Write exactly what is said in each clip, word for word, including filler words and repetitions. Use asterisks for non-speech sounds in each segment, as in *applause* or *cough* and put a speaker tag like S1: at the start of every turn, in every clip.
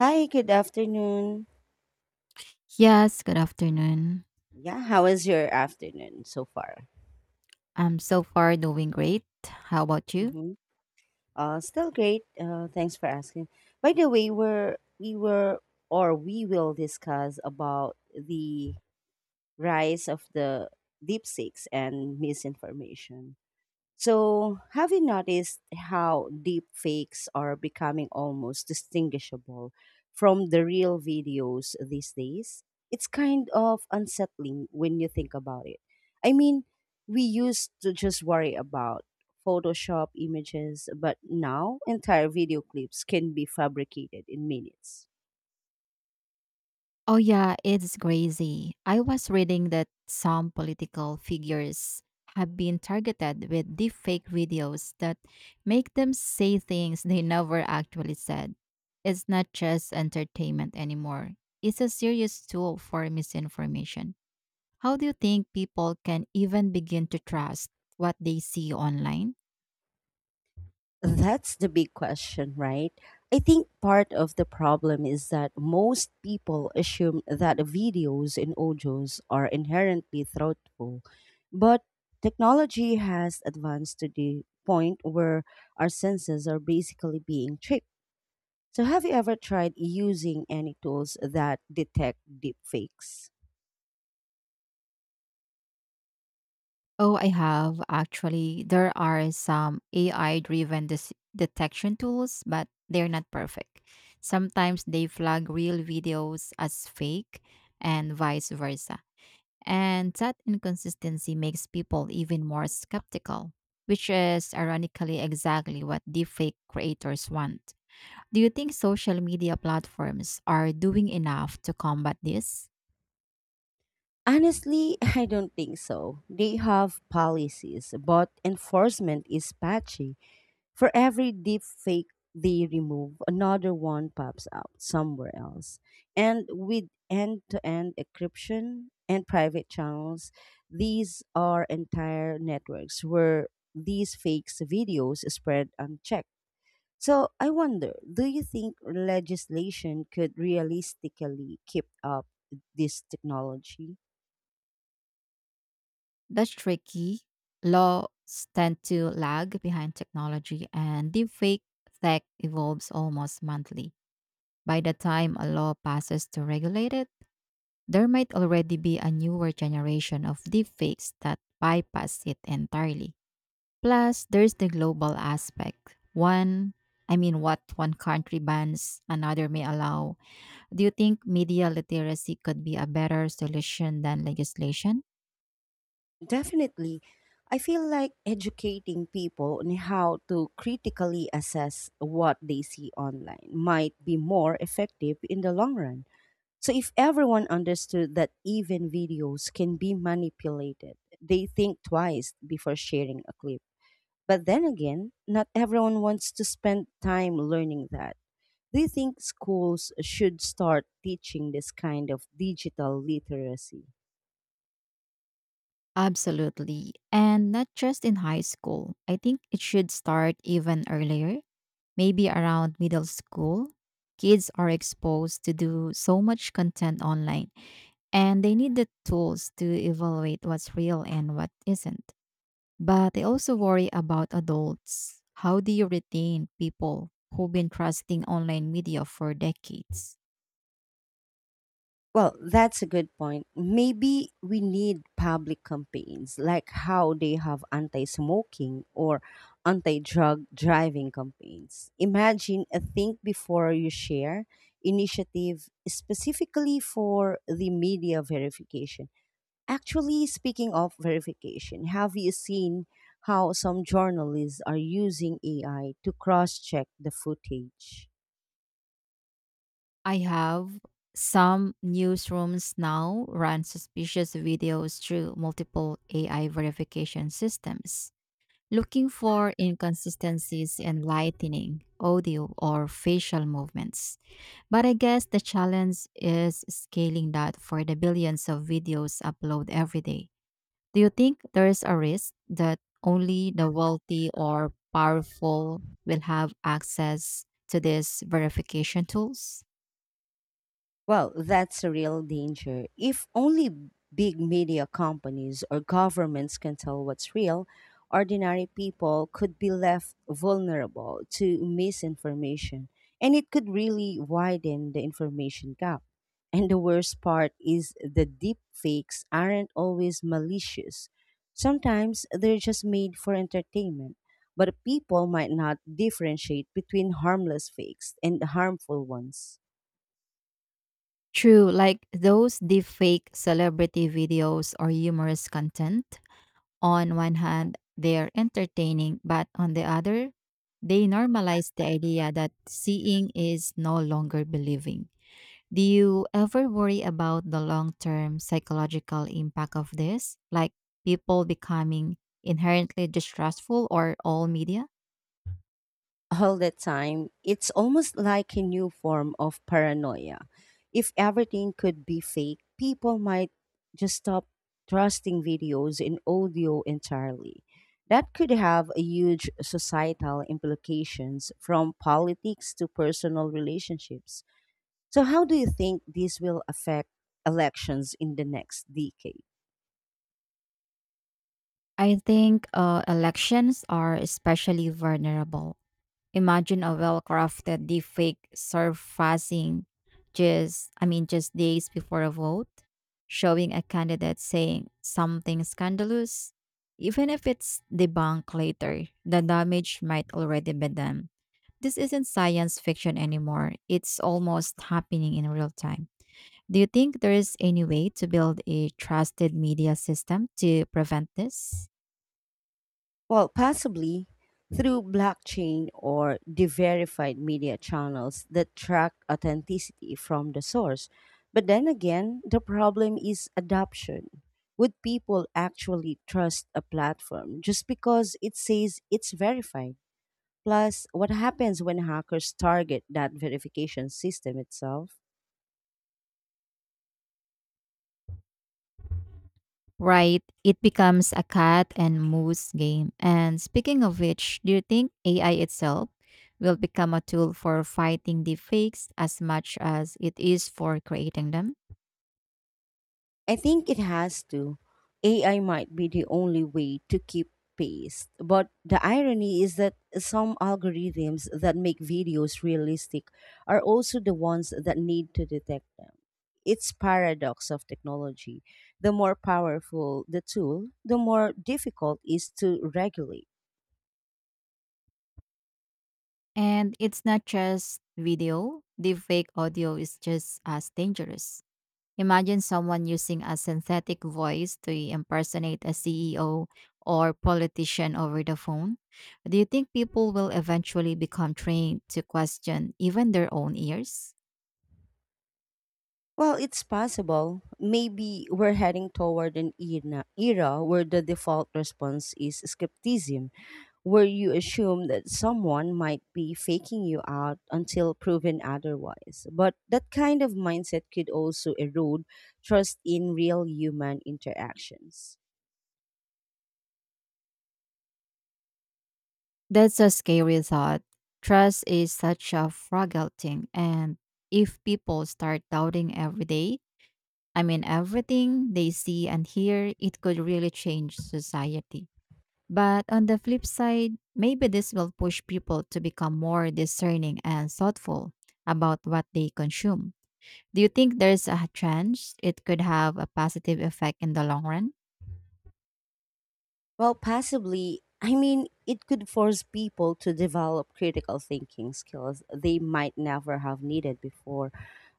S1: Hi, good afternoon.
S2: Yes, good afternoon.
S1: Yeah, how was your afternoon so far?
S2: I'm so far doing great. How about you?
S1: Mm-hmm. Uh, still great. Uh, thanks for asking. By the way, we're we were or we will discuss about the rise of the deep seeks and misinformation. So, have you noticed how deep fakes are becoming almost distinguishable from the real videos these days? It's kind of unsettling when you think about it. I mean, we used to just worry about Photoshop images, but now entire video clips can be fabricated in minutes.
S2: Oh, yeah, it's crazy. I was reading that some political figures have been targeted with deepfake videos that make them say things they never actually said. It's not just entertainment anymore, it's a serious tool for misinformation. How do you think people can even begin to trust what they see online?
S1: That's the big question, right? I think part of the problem is that most people assume that videos and audios are inherently thoughtful. But technology has advanced to the point where our senses are basically being tricked. So, have you ever tried using any tools that detect deepfakes?
S2: Oh, I have actually. There are some A I driven dis- detection tools, but they're not perfect. Sometimes they flag real videos as fake and vice versa. And that inconsistency makes people even more skeptical, which is ironically exactly what deepfake creators want. Do you think social media platforms are doing enough to combat this?
S1: Honestly, *laughs* I don't think so. They have policies, but enforcement is patchy. For every deep fake they remove, another one pops out somewhere else. And with end to end encryption and private channels, these are entire networks where these fakes videos spread unchecked. So I wonder, do you think legislation could realistically keep up this technology?
S2: That's tricky. Laws tend to lag behind technology, and deepfake tech evolves almost monthly. By the time a law passes to regulate it, there might already be a newer generation of deepfakes that bypass it entirely. Plus, there's the global aspect. One, I mean, what one country bans, another may allow. Do you think media literacy could be a better solution than legislation?
S1: Definitely. I feel like educating people on how to critically assess what they see online might be more effective in the long run. So, if everyone understood that even videos can be manipulated, they think twice before sharing a clip. But then again, not everyone wants to spend time learning that. Do you think schools should start teaching this kind of digital literacy?
S2: Absolutely. And not just in high school. I think it should start even earlier, maybe around middle school. Kids are exposed to do so much content online, and they need the tools to evaluate what's real and what isn't. But I also worry about adults. How do you retain people who've been trusting online media for decades?
S1: Well, that's a good point. Maybe we need public campaigns like how they have anti smoking or anti drug driving campaigns. Imagine a think before you share initiative specifically for the media verification. Actually, speaking of verification, have you seen how some journalists are using A I to cross check the footage?
S2: I have some newsrooms now run suspicious videos through multiple A I verification systems, looking for inconsistencies in lighting, audio, or facial movements. But I guess the challenge is scaling that for the billions of videos uploaded every day. Do you think there is a risk that only the wealthy or powerful will have access to these verification tools?
S1: Well, that's a real danger. If only big media companies or governments can tell what's real, ordinary people could be left vulnerable to misinformation, and it could really widen the information gap. And the worst part is the deep fakes aren't always malicious. Sometimes they're just made for entertainment, but people might not differentiate between harmless fakes and harmful ones.
S2: True, like those deepfake celebrity videos or humorous content. On one hand, they're entertaining, but on the other, they normalize the idea that seeing is no longer believing. Do you ever worry about the long term psychological impact of this, like people becoming inherently distrustful or all media?
S1: All the time, it's almost like a new form of paranoia. If everything could be fake, people might just stop trusting videos and audio entirely. That could have a huge societal implications from politics to personal relationships. So how do you think this will affect elections in the next decade?
S2: I think uh, elections are especially vulnerable. Imagine a well-crafted deepfake surfacing just, I mean, just days before a vote, showing a candidate saying something scandalous. Even if it's debunked later, the damage might already be done. This isn't science fiction anymore. It's almost happening in real time. Do you think there is any way to build a trusted media system to prevent this?
S1: Well, possibly through blockchain or de verified media channels that track authenticity from the source. But then again, the problem is adoption. Would people actually trust a platform just because it says it's verified? Plus, what happens when hackers target that verification system itself?
S2: Right, it becomes a cat and moose game. And speaking of which, do you think A I itself will become a tool for fighting deepfakes as much as it is for creating them?
S1: I think it has to. A I might be the only way to keep pace. But the irony is that some algorithms that make videos realistic are also the ones that need to detect them. It's paradox of technology. The more powerful the tool, the more difficult it is to regulate.
S2: And it's not just video, deepfake audio is just as dangerous. Imagine someone using a synthetic voice to impersonate a C E O or politician over the phone. Do you think people will eventually become trained to question even their own ears?
S1: Well, it's possible. Maybe we're heading toward an era, era where the default response is skepticism, where you assume that someone might be faking you out until proven otherwise. But that kind of mindset could also erode trust in real human interactions.
S2: That's a scary thought. Trust is such a fragile thing. And if people start doubting every day, I mean, everything they see and hear, it could really change society. But on the flip side, maybe this will push people to become more discerning and thoughtful about what they consume. Do you think there's a chance it could have a positive effect in the long run?
S1: Well, possibly. I mean, it could force people to develop critical thinking skills they might never have needed before.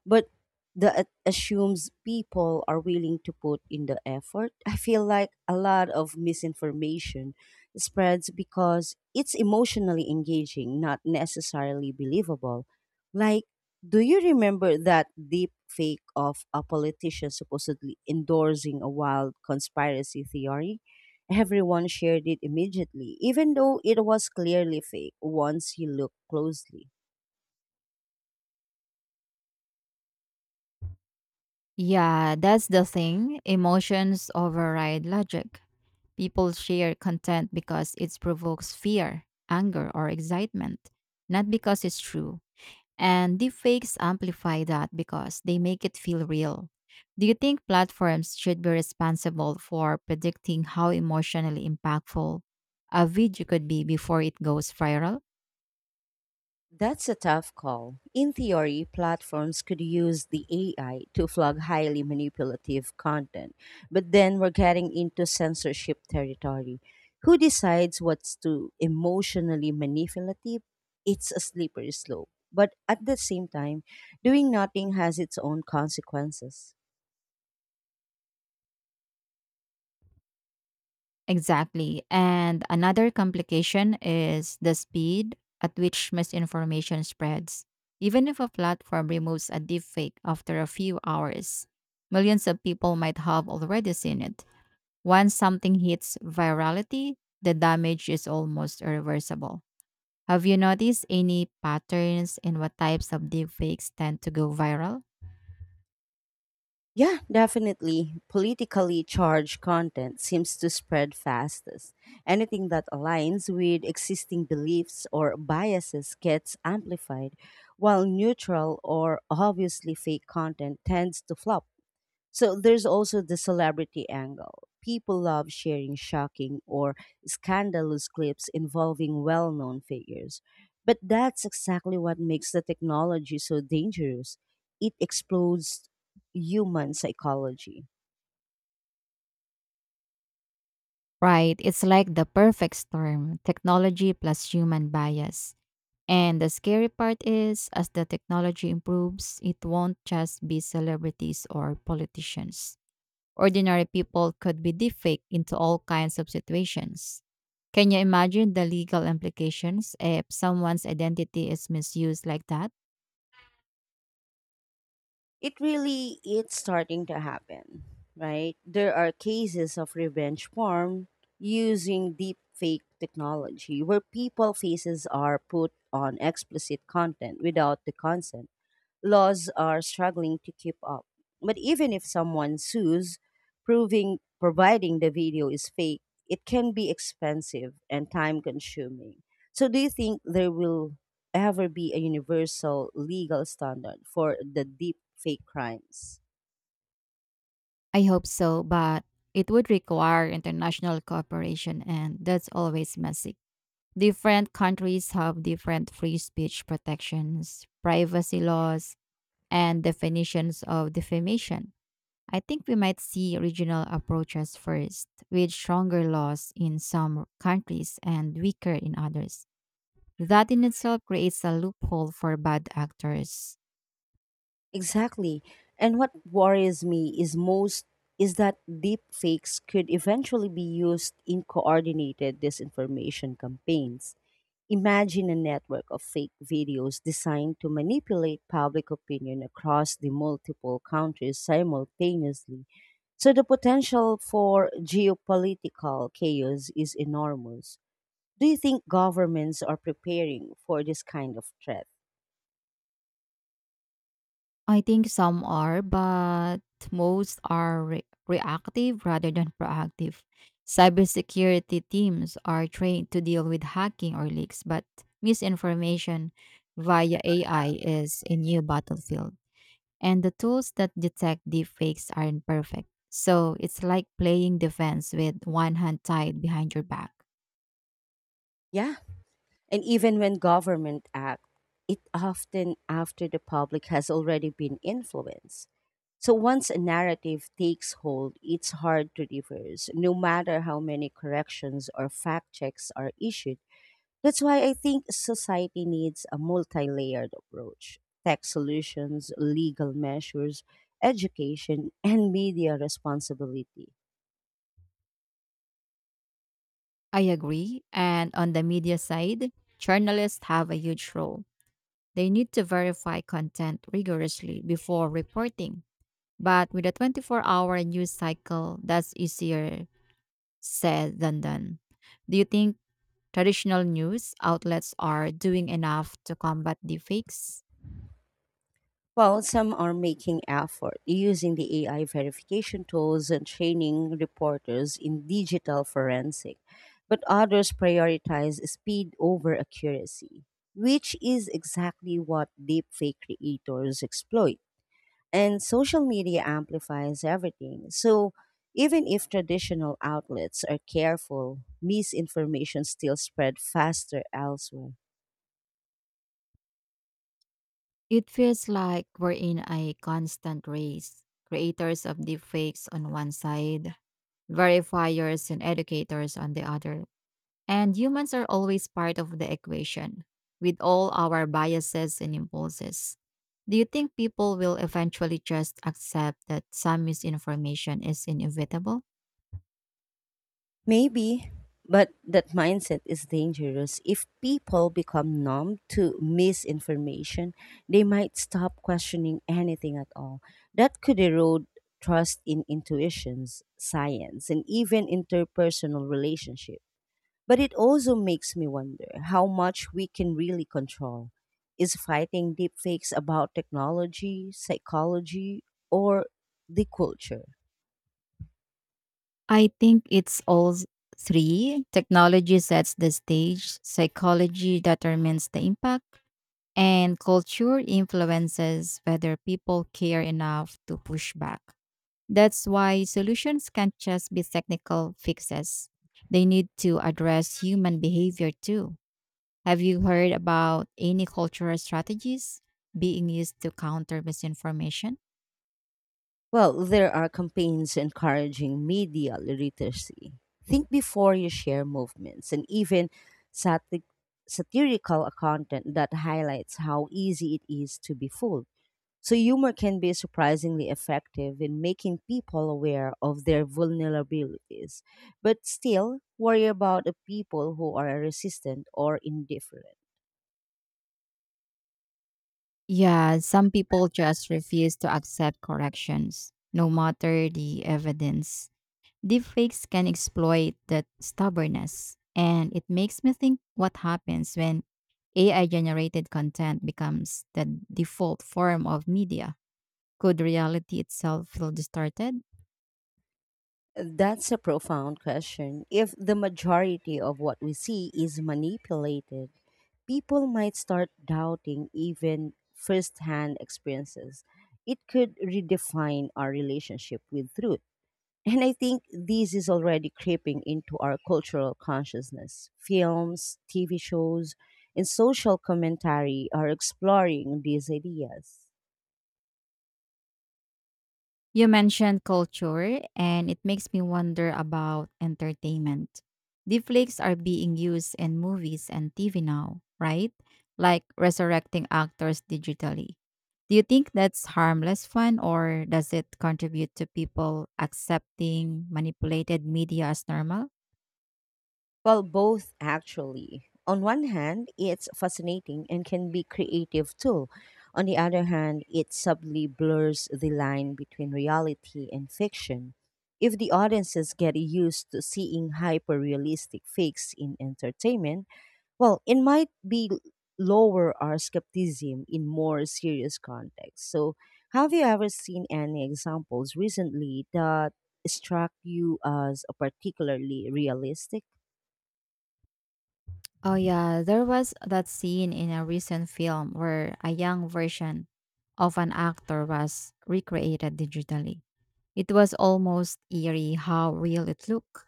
S1: But that assumes people are willing to put in the effort. I feel like a lot of misinformation spreads because it's emotionally engaging, not necessarily believable. Like, do you remember that deep fake of a politician supposedly endorsing a wild conspiracy theory? Everyone shared it immediately, even though it was clearly fake once you look closely.
S2: Yeah, that's the thing. Emotions override logic. People share content because it provokes fear, anger, or excitement, not because it's true. And deepfakes amplify that because they make it feel real. Do you think platforms should be responsible for predicting how emotionally impactful a video could be before it goes viral?
S1: That's a tough call. In theory, platforms could use the A I to flag highly manipulative content, but then we're getting into censorship territory. Who decides what's too emotionally manipulative? It's a slippery slope. But at the same time, doing nothing has its own consequences.
S2: Exactly. And another complication is the speed at which misinformation spreads. Even if a platform removes a deepfake after a few hours, millions of people might have already seen it. Once something hits virality, the damage is almost irreversible. Have you noticed any patterns in what types of deepfakes tend to go viral?
S1: Yeah, definitely. Politically charged content seems to spread fastest. Anything that aligns with existing beliefs or biases gets amplified, while neutral or obviously fake content tends to flop. So there's also the celebrity angle. People love sharing shocking or scandalous clips involving well known figures. But that's exactly what makes the technology so dangerous. It explodes human psychology.
S2: Right, it's like the perfect storm technology plus human bias. And the scary part is, as the technology improves, it won't just be celebrities or politicians. Ordinary people could be deepfaked into all kinds of situations. Can you imagine the legal implications if someone's identity is misused like that?
S1: It really it's starting to happen, right? There are cases of revenge porn using deep fake technology where people faces are put on explicit content without the consent laws are struggling to keep up. But even if someone sues, proving providing the video is fake, it can be expensive and time consuming. So do you think there will ever be a universal legal standard for the deep fake crimes?
S2: I hope so, but it would require international cooperation, and that's always messy. Different countries have different free speech protections, privacy laws, and definitions of defamation. I think we might see regional approaches first, with stronger laws in some countries and weaker in others. That in itself creates a loophole for bad actors.
S1: Exactly. And what worries me is most is that deep fakes could eventually be used in coordinated disinformation campaigns. Imagine a network of fake videos designed to manipulate public opinion across the multiple countries simultaneously. So the potential for geopolitical chaos is enormous. Do you think governments are preparing for this kind of threat?
S2: I think some are, but most are re- reactive rather than proactive. Cybersecurity teams are trained to deal with hacking or leaks, but misinformation via A I is a new battlefield. And the tools that detect deepfakes aren't perfect. So it's like playing defense with one hand tied behind your back.
S1: Yeah. And even when government act, it often after the public has already been influenced. So once a narrative takes hold, it's hard to reverse, no matter how many corrections or fact checks are issued. That's why I think society needs a multi layered approach tech solutions, legal measures, education, and media responsibility.
S2: I agree. And on the media side, journalists have a huge role. They need to verify content rigorously before reporting. But with a twenty-four hour news cycle, that's easier said than done. Do you think traditional news outlets are doing enough to combat deepfakes?
S1: Well, some are making effort using the A I verification tools and training reporters in digital forensic, but others prioritize speed over accuracy, which is exactly what deepfake creators exploit. And social media amplifies everything. So even if traditional outlets are careful, misinformation still spread faster elsewhere.
S2: It feels like we're in a constant race. Creators of deepfakes on one side, verifiers and educators on the other. And humans are always part of the equation, with all our biases and impulses. Do you think people will eventually just accept that some misinformation is inevitable?
S1: Maybe, but that mindset is dangerous. If people become numb to misinformation, they might stop questioning anything at all. That could erode trust in intuitions, science, and even interpersonal relationships. But it also makes me wonder how much we can really control. Is fighting deepfakes about technology, psychology, or the culture?
S2: I think it's all s- three. Technology sets the stage, psychology determines the impact and culture influences whether people care enough to push back. That's why solutions can't just be technical fixes. They need to address human behavior too. Have you heard about any cultural strategies being used to counter misinformation?
S1: Well, there are campaigns encouraging media literacy. Think before you share movements and even sati- satirical content that highlights how easy it is to be fooled. So, humor can be surprisingly effective in making people aware of their vulnerabilities, but still worry about the people who are resistant or indifferent.
S2: Yeah, some people just refuse to accept corrections, no matter the evidence. Deepfakes can exploit that stubbornness, and it makes me think what happens when A I generated content becomes the default form of media. Could reality itself feel distorted?
S1: That's a profound question. If the majority of what we see is manipulated, people might start doubting even firsthand experiences. It could redefine our relationship with truth. And I think this is already creeping into our cultural consciousness. Films, T V shows, and social commentary are exploring these ideas.
S2: You mentioned culture, and it makes me wonder about entertainment. Deepfakes are being used in movies and T V now, right? Like resurrecting actors digitally. Do you think that's harmless fun, or does it contribute to people accepting manipulated media as normal?
S1: Well, both actually. On one hand, it's fascinating and can be creative too. On the other hand, it subtly blurs the line between reality and fiction. If the audiences get used to seeing hyper-realistic fakes in entertainment, well, it might be lower our skepticism in more serious contexts. So, have you ever seen any examples recently that struck you as particularly realistic?
S2: Oh yeah, there was that scene in a recent film where a young version of an actor was recreated digitally. It was almost eerie how real it looked.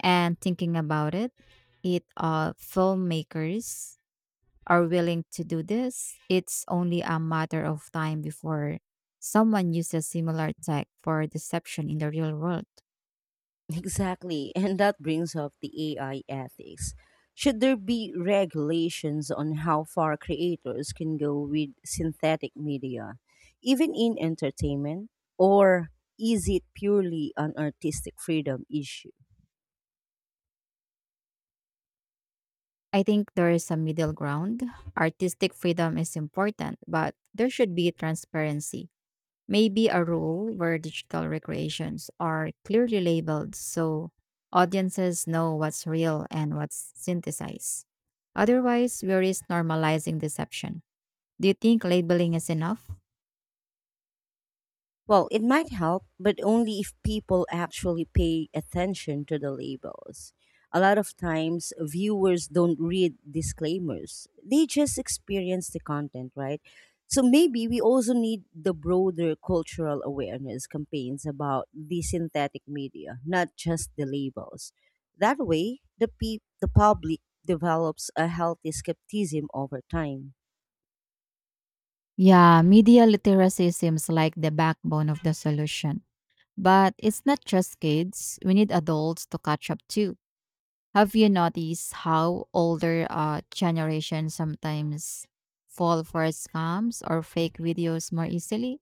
S2: And thinking about it, it uh filmmakers are willing to do this. It's only a matter of time before someone uses similar tech for deception in the real world.
S1: Exactly. And that brings up the A I ethics. Should there be regulations on how far creators can go with synthetic media, even in entertainment? Or is it purely an artistic freedom issue?
S2: I think there is a middle ground. Artistic freedom is important, but there should be transparency. Maybe a rule where digital recreations are clearly labeled so audiences know what's real and what's synthesized. Otherwise, we risk normalizing deception. Do you think labeling is enough?
S1: Well, it might help, but only if people actually pay attention to the labels. A lot of times, viewers don't read disclaimers, they just experience the content, right? So maybe we also need the broader cultural awareness campaigns about the synthetic media, not just the labels. That way, the, pe- the public develops a healthy skepticism over time.
S2: Yeah, media literacy seems like the backbone of the solution. But it's not just kids, we need adults to catch up too. Have you noticed how older uh, generations sometimes fall for scams or fake videos more easily?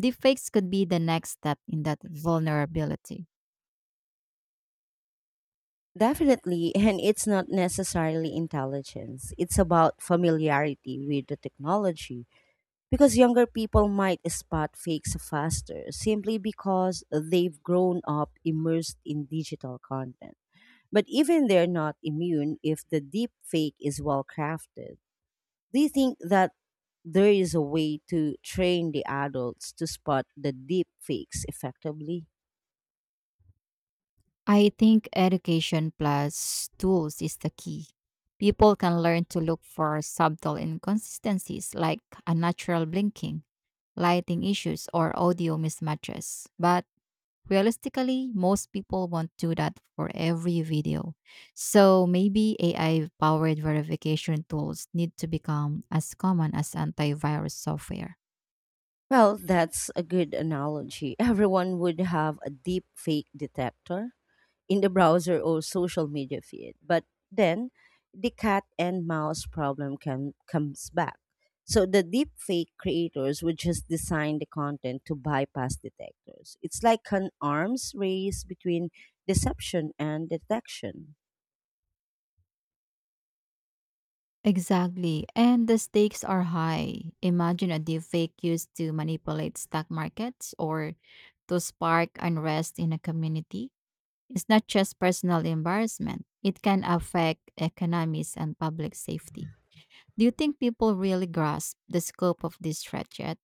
S2: Deepfakes could be the next step in that vulnerability.
S1: Definitely, and it's not necessarily intelligence. It's about familiarity with the technology because younger people might spot fakes faster simply because they've grown up immersed in digital content. But even they're not immune if the deep fake is well crafted. Do you think that there is a way to train the adults to spot the deep fakes effectively?
S2: I think education plus tools is the key. People can learn to look for subtle inconsistencies like unnatural blinking, lighting issues, or audio mismatches. But realistically, most people won't do that for every video. So maybe A I powered verification tools need to become as common as antivirus software.
S1: Well, that's a good analogy. *laughs* Everyone would have a deep fake detector in the browser or social media feed. But then the cat and mouse problem can, comes back. So the deep fake creators would just design the content to bypass detectors. It's like an arms race between deception and detection.
S2: Exactly. And the stakes are high. Imagine a deepfake used to manipulate stock markets or to spark unrest in a community. It's not just personal embarrassment, it can affect economies and public safety. Do you think people really grasp the scope of this threat yet?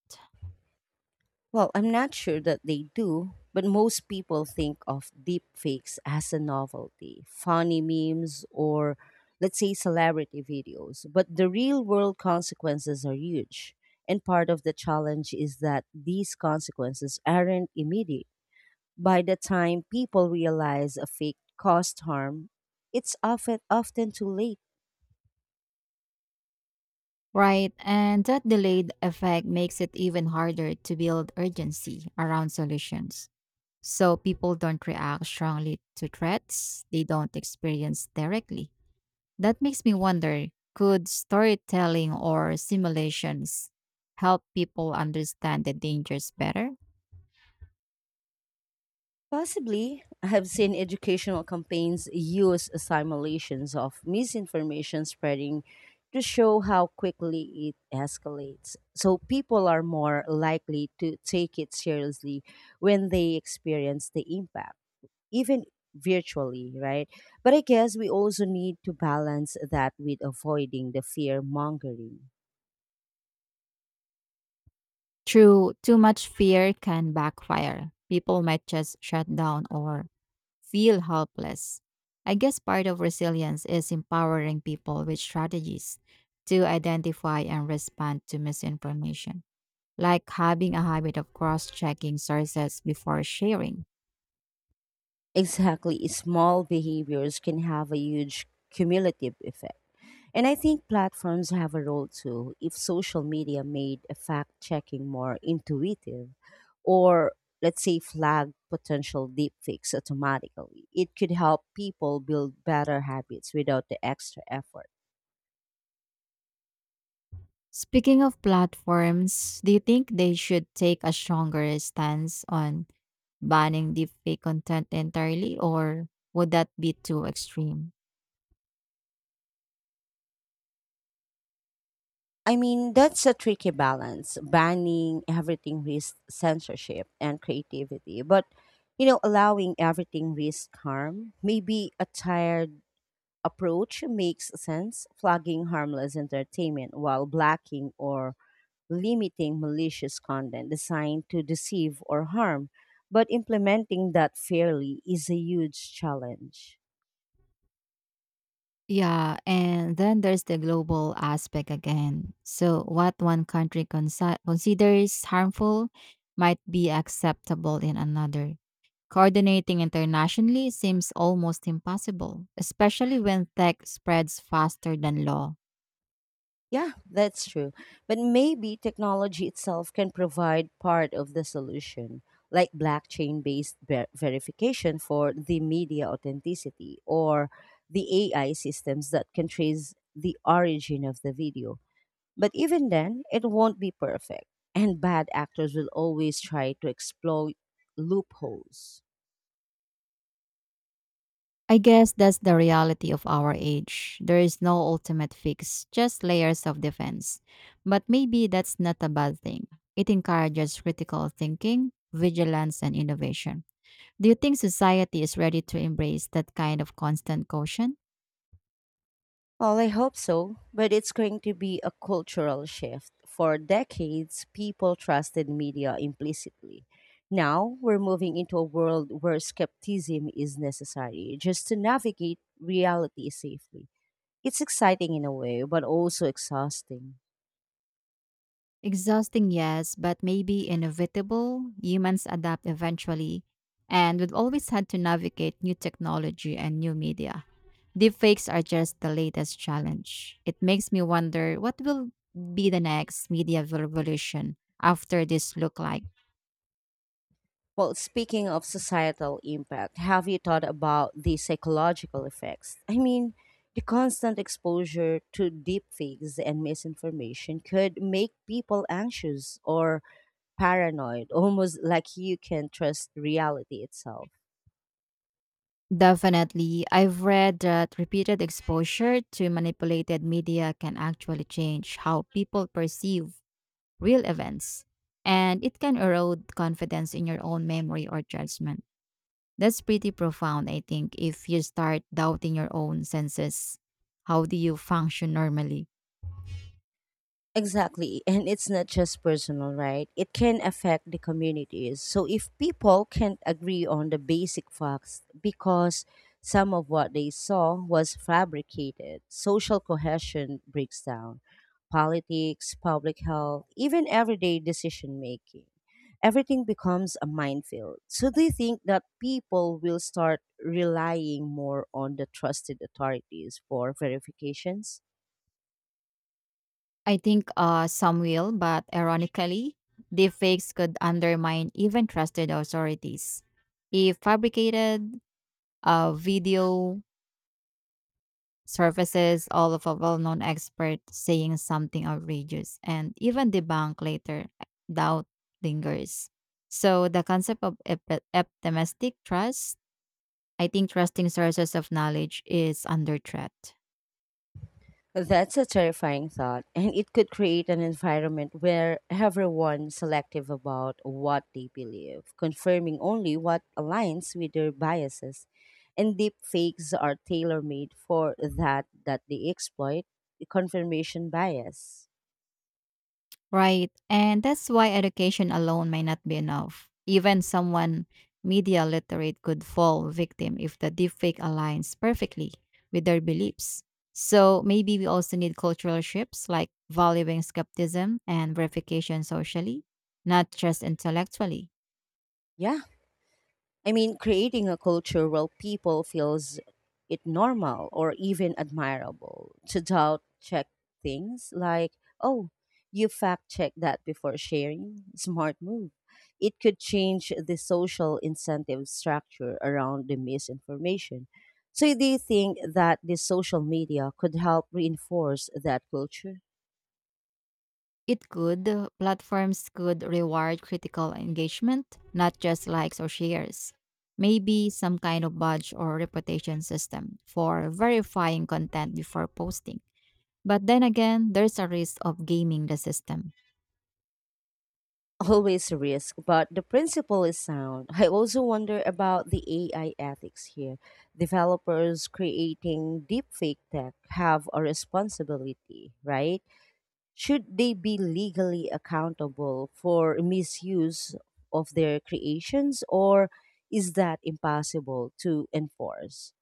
S1: Well, I'm not sure that they do, but most people think of deepfakes as a novelty, funny memes, or let's say celebrity videos. But the real world consequences are huge. And part of the challenge is that these consequences aren't immediate. By the time people realize a fake caused harm, it's often often too late.
S2: Right, and that delayed effect makes it even harder to build urgency around solutions. So people don't react strongly to threats they don't experience directly. That makes me wonder, could storytelling or simulations help people understand the dangers better?
S1: Possibly, I have seen educational campaigns use simulations of misinformation spreading to show how quickly it escalates. So people are more likely to take it seriously when they experience the impact, even virtually, right? But I guess we also need to balance that with avoiding the fear mongering.
S2: True, too much fear can backfire. People might just shut down or feel helpless. I guess part of resilience is empowering people with strategies to identify and respond to misinformation, like having a habit of cross checking sources before sharing.
S1: Exactly. Small behaviors can have a huge cumulative effect. And I think platforms have a role too. If social media made fact checking more intuitive, or let's say flag potential deepfakes automatically, it could help people build better habits without the extra effort.
S2: Speaking of platforms, do you think they should take a stronger stance on banning deepfake content entirely, or would that be too extreme?
S1: I mean, that's a tricky balance. Banning everything risks censorship and creativity, but you know, allowing everything risks harm. Maybe a tired approach makes sense, flagging harmless entertainment while blacking or limiting malicious content designed to deceive or harm. But implementing that fairly is a huge challenge.
S2: Yeah, and then there's the global aspect again. So, what one country consi- considers harmful might be acceptable in another. Coordinating internationally seems almost impossible, especially when tech spreads faster than law.
S1: Yeah, that's true. But maybe technology itself can provide part of the solution, like blockchain based ver- verification for the media authenticity or the A I systems that can trace the origin of the video. But even then, it won't be perfect, and bad actors will always try to exploit loopholes.
S2: I guess that's the reality of our age. There is no ultimate fix, just layers of defense. But maybe that's not a bad thing. It encourages critical thinking, vigilance, and innovation. Do you think society is ready to embrace that kind of constant caution?
S1: Well, I hope so, but it's going to be a cultural shift. For decades, people trusted media implicitly. Now, we're moving into a world where skepticism is necessary just to navigate reality safely. It's exciting in a way, but also exhausting.
S2: Exhausting, yes, but maybe inevitable. Humans adapt eventually, and we've always had to navigate new technology and new media. Deepfakes are just the latest challenge. It makes me wonder what will be the next media revolution after this look like.
S1: Well, speaking of societal impact, have you thought about the psychological effects? I mean, the constant exposure to deepfakes and misinformation could make people anxious or paranoid, almost like you can trust reality itself.
S2: Definitely, I've read that repeated exposure to manipulated media can actually change how people perceive real events, and it can erode confidence in your own memory or judgment. That's pretty profound, I think, if you start doubting your own senses. How do you function normally?
S1: Exactly. And it's not just personal, right? It can affect the communities. So if people can't agree on the basic facts because some of what they saw was fabricated, social cohesion breaks down. Politics, public health, even everyday decision making. Everything becomes a minefield. So they think that people will start relying more on the trusted authorities for verifications?
S2: I think uh, some will, but ironically, deepfakes could undermine even trusted authorities. If fabricated, a video surfaces all of a well-known expert saying something outrageous and even debunked later, doubt lingers, so the concept of epi- optimistic trust, I think, trusting sources of knowledge is under threat.
S1: That's a terrifying thought, and it could create an environment where everyone's selective about what they believe, confirming only what aligns with their biases. And deep fakes are tailor made for that that they exploit confirmation bias.
S2: Right. And that's why education alone might not be enough. Even someone media literate could fall victim if the deepfake aligns perfectly with their beliefs. So maybe we also need cultural shifts like valuing skepticism and verification socially, not just intellectually.
S1: Yeah. I mean, creating a culture where people feels it normal or even admirable to doubt check things like, oh, you fact check that before sharing. Smart move. It could change the social incentive structure around the misinformation. So do you think that the social media could help reinforce that culture?
S2: It could. uh, Platforms could reward critical engagement, not just likes or shares. Maybe some kind of badge or reputation system for verifying content before posting. But then again, there's a risk of gaming the system.
S1: Always a risk, but the principle is sound. I also wonder about the A I ethics here. Developers creating deepfake tech have a responsibility, right? Should they be legally accountable for misuse of their creations, or is that impossible to enforce?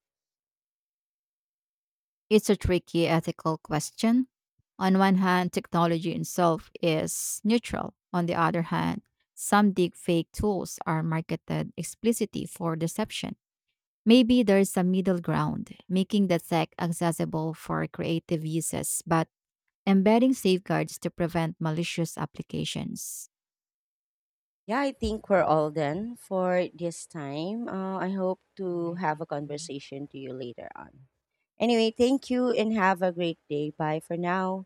S2: It's a tricky ethical question. On one hand, technology itself is neutral. On the other hand, some deepfake tools are marketed explicitly for deception. Maybe there's a middle ground, making the tech accessible for creative uses, but embedding safeguards to prevent malicious applications.
S1: Yeah, I think we're all done for this time. Uh, I hope
S2: All
S1: to
S2: right,
S1: have a
S2: thank you.
S1: conversation to you later on. Anyway, thank you and have a great day. Bye for now.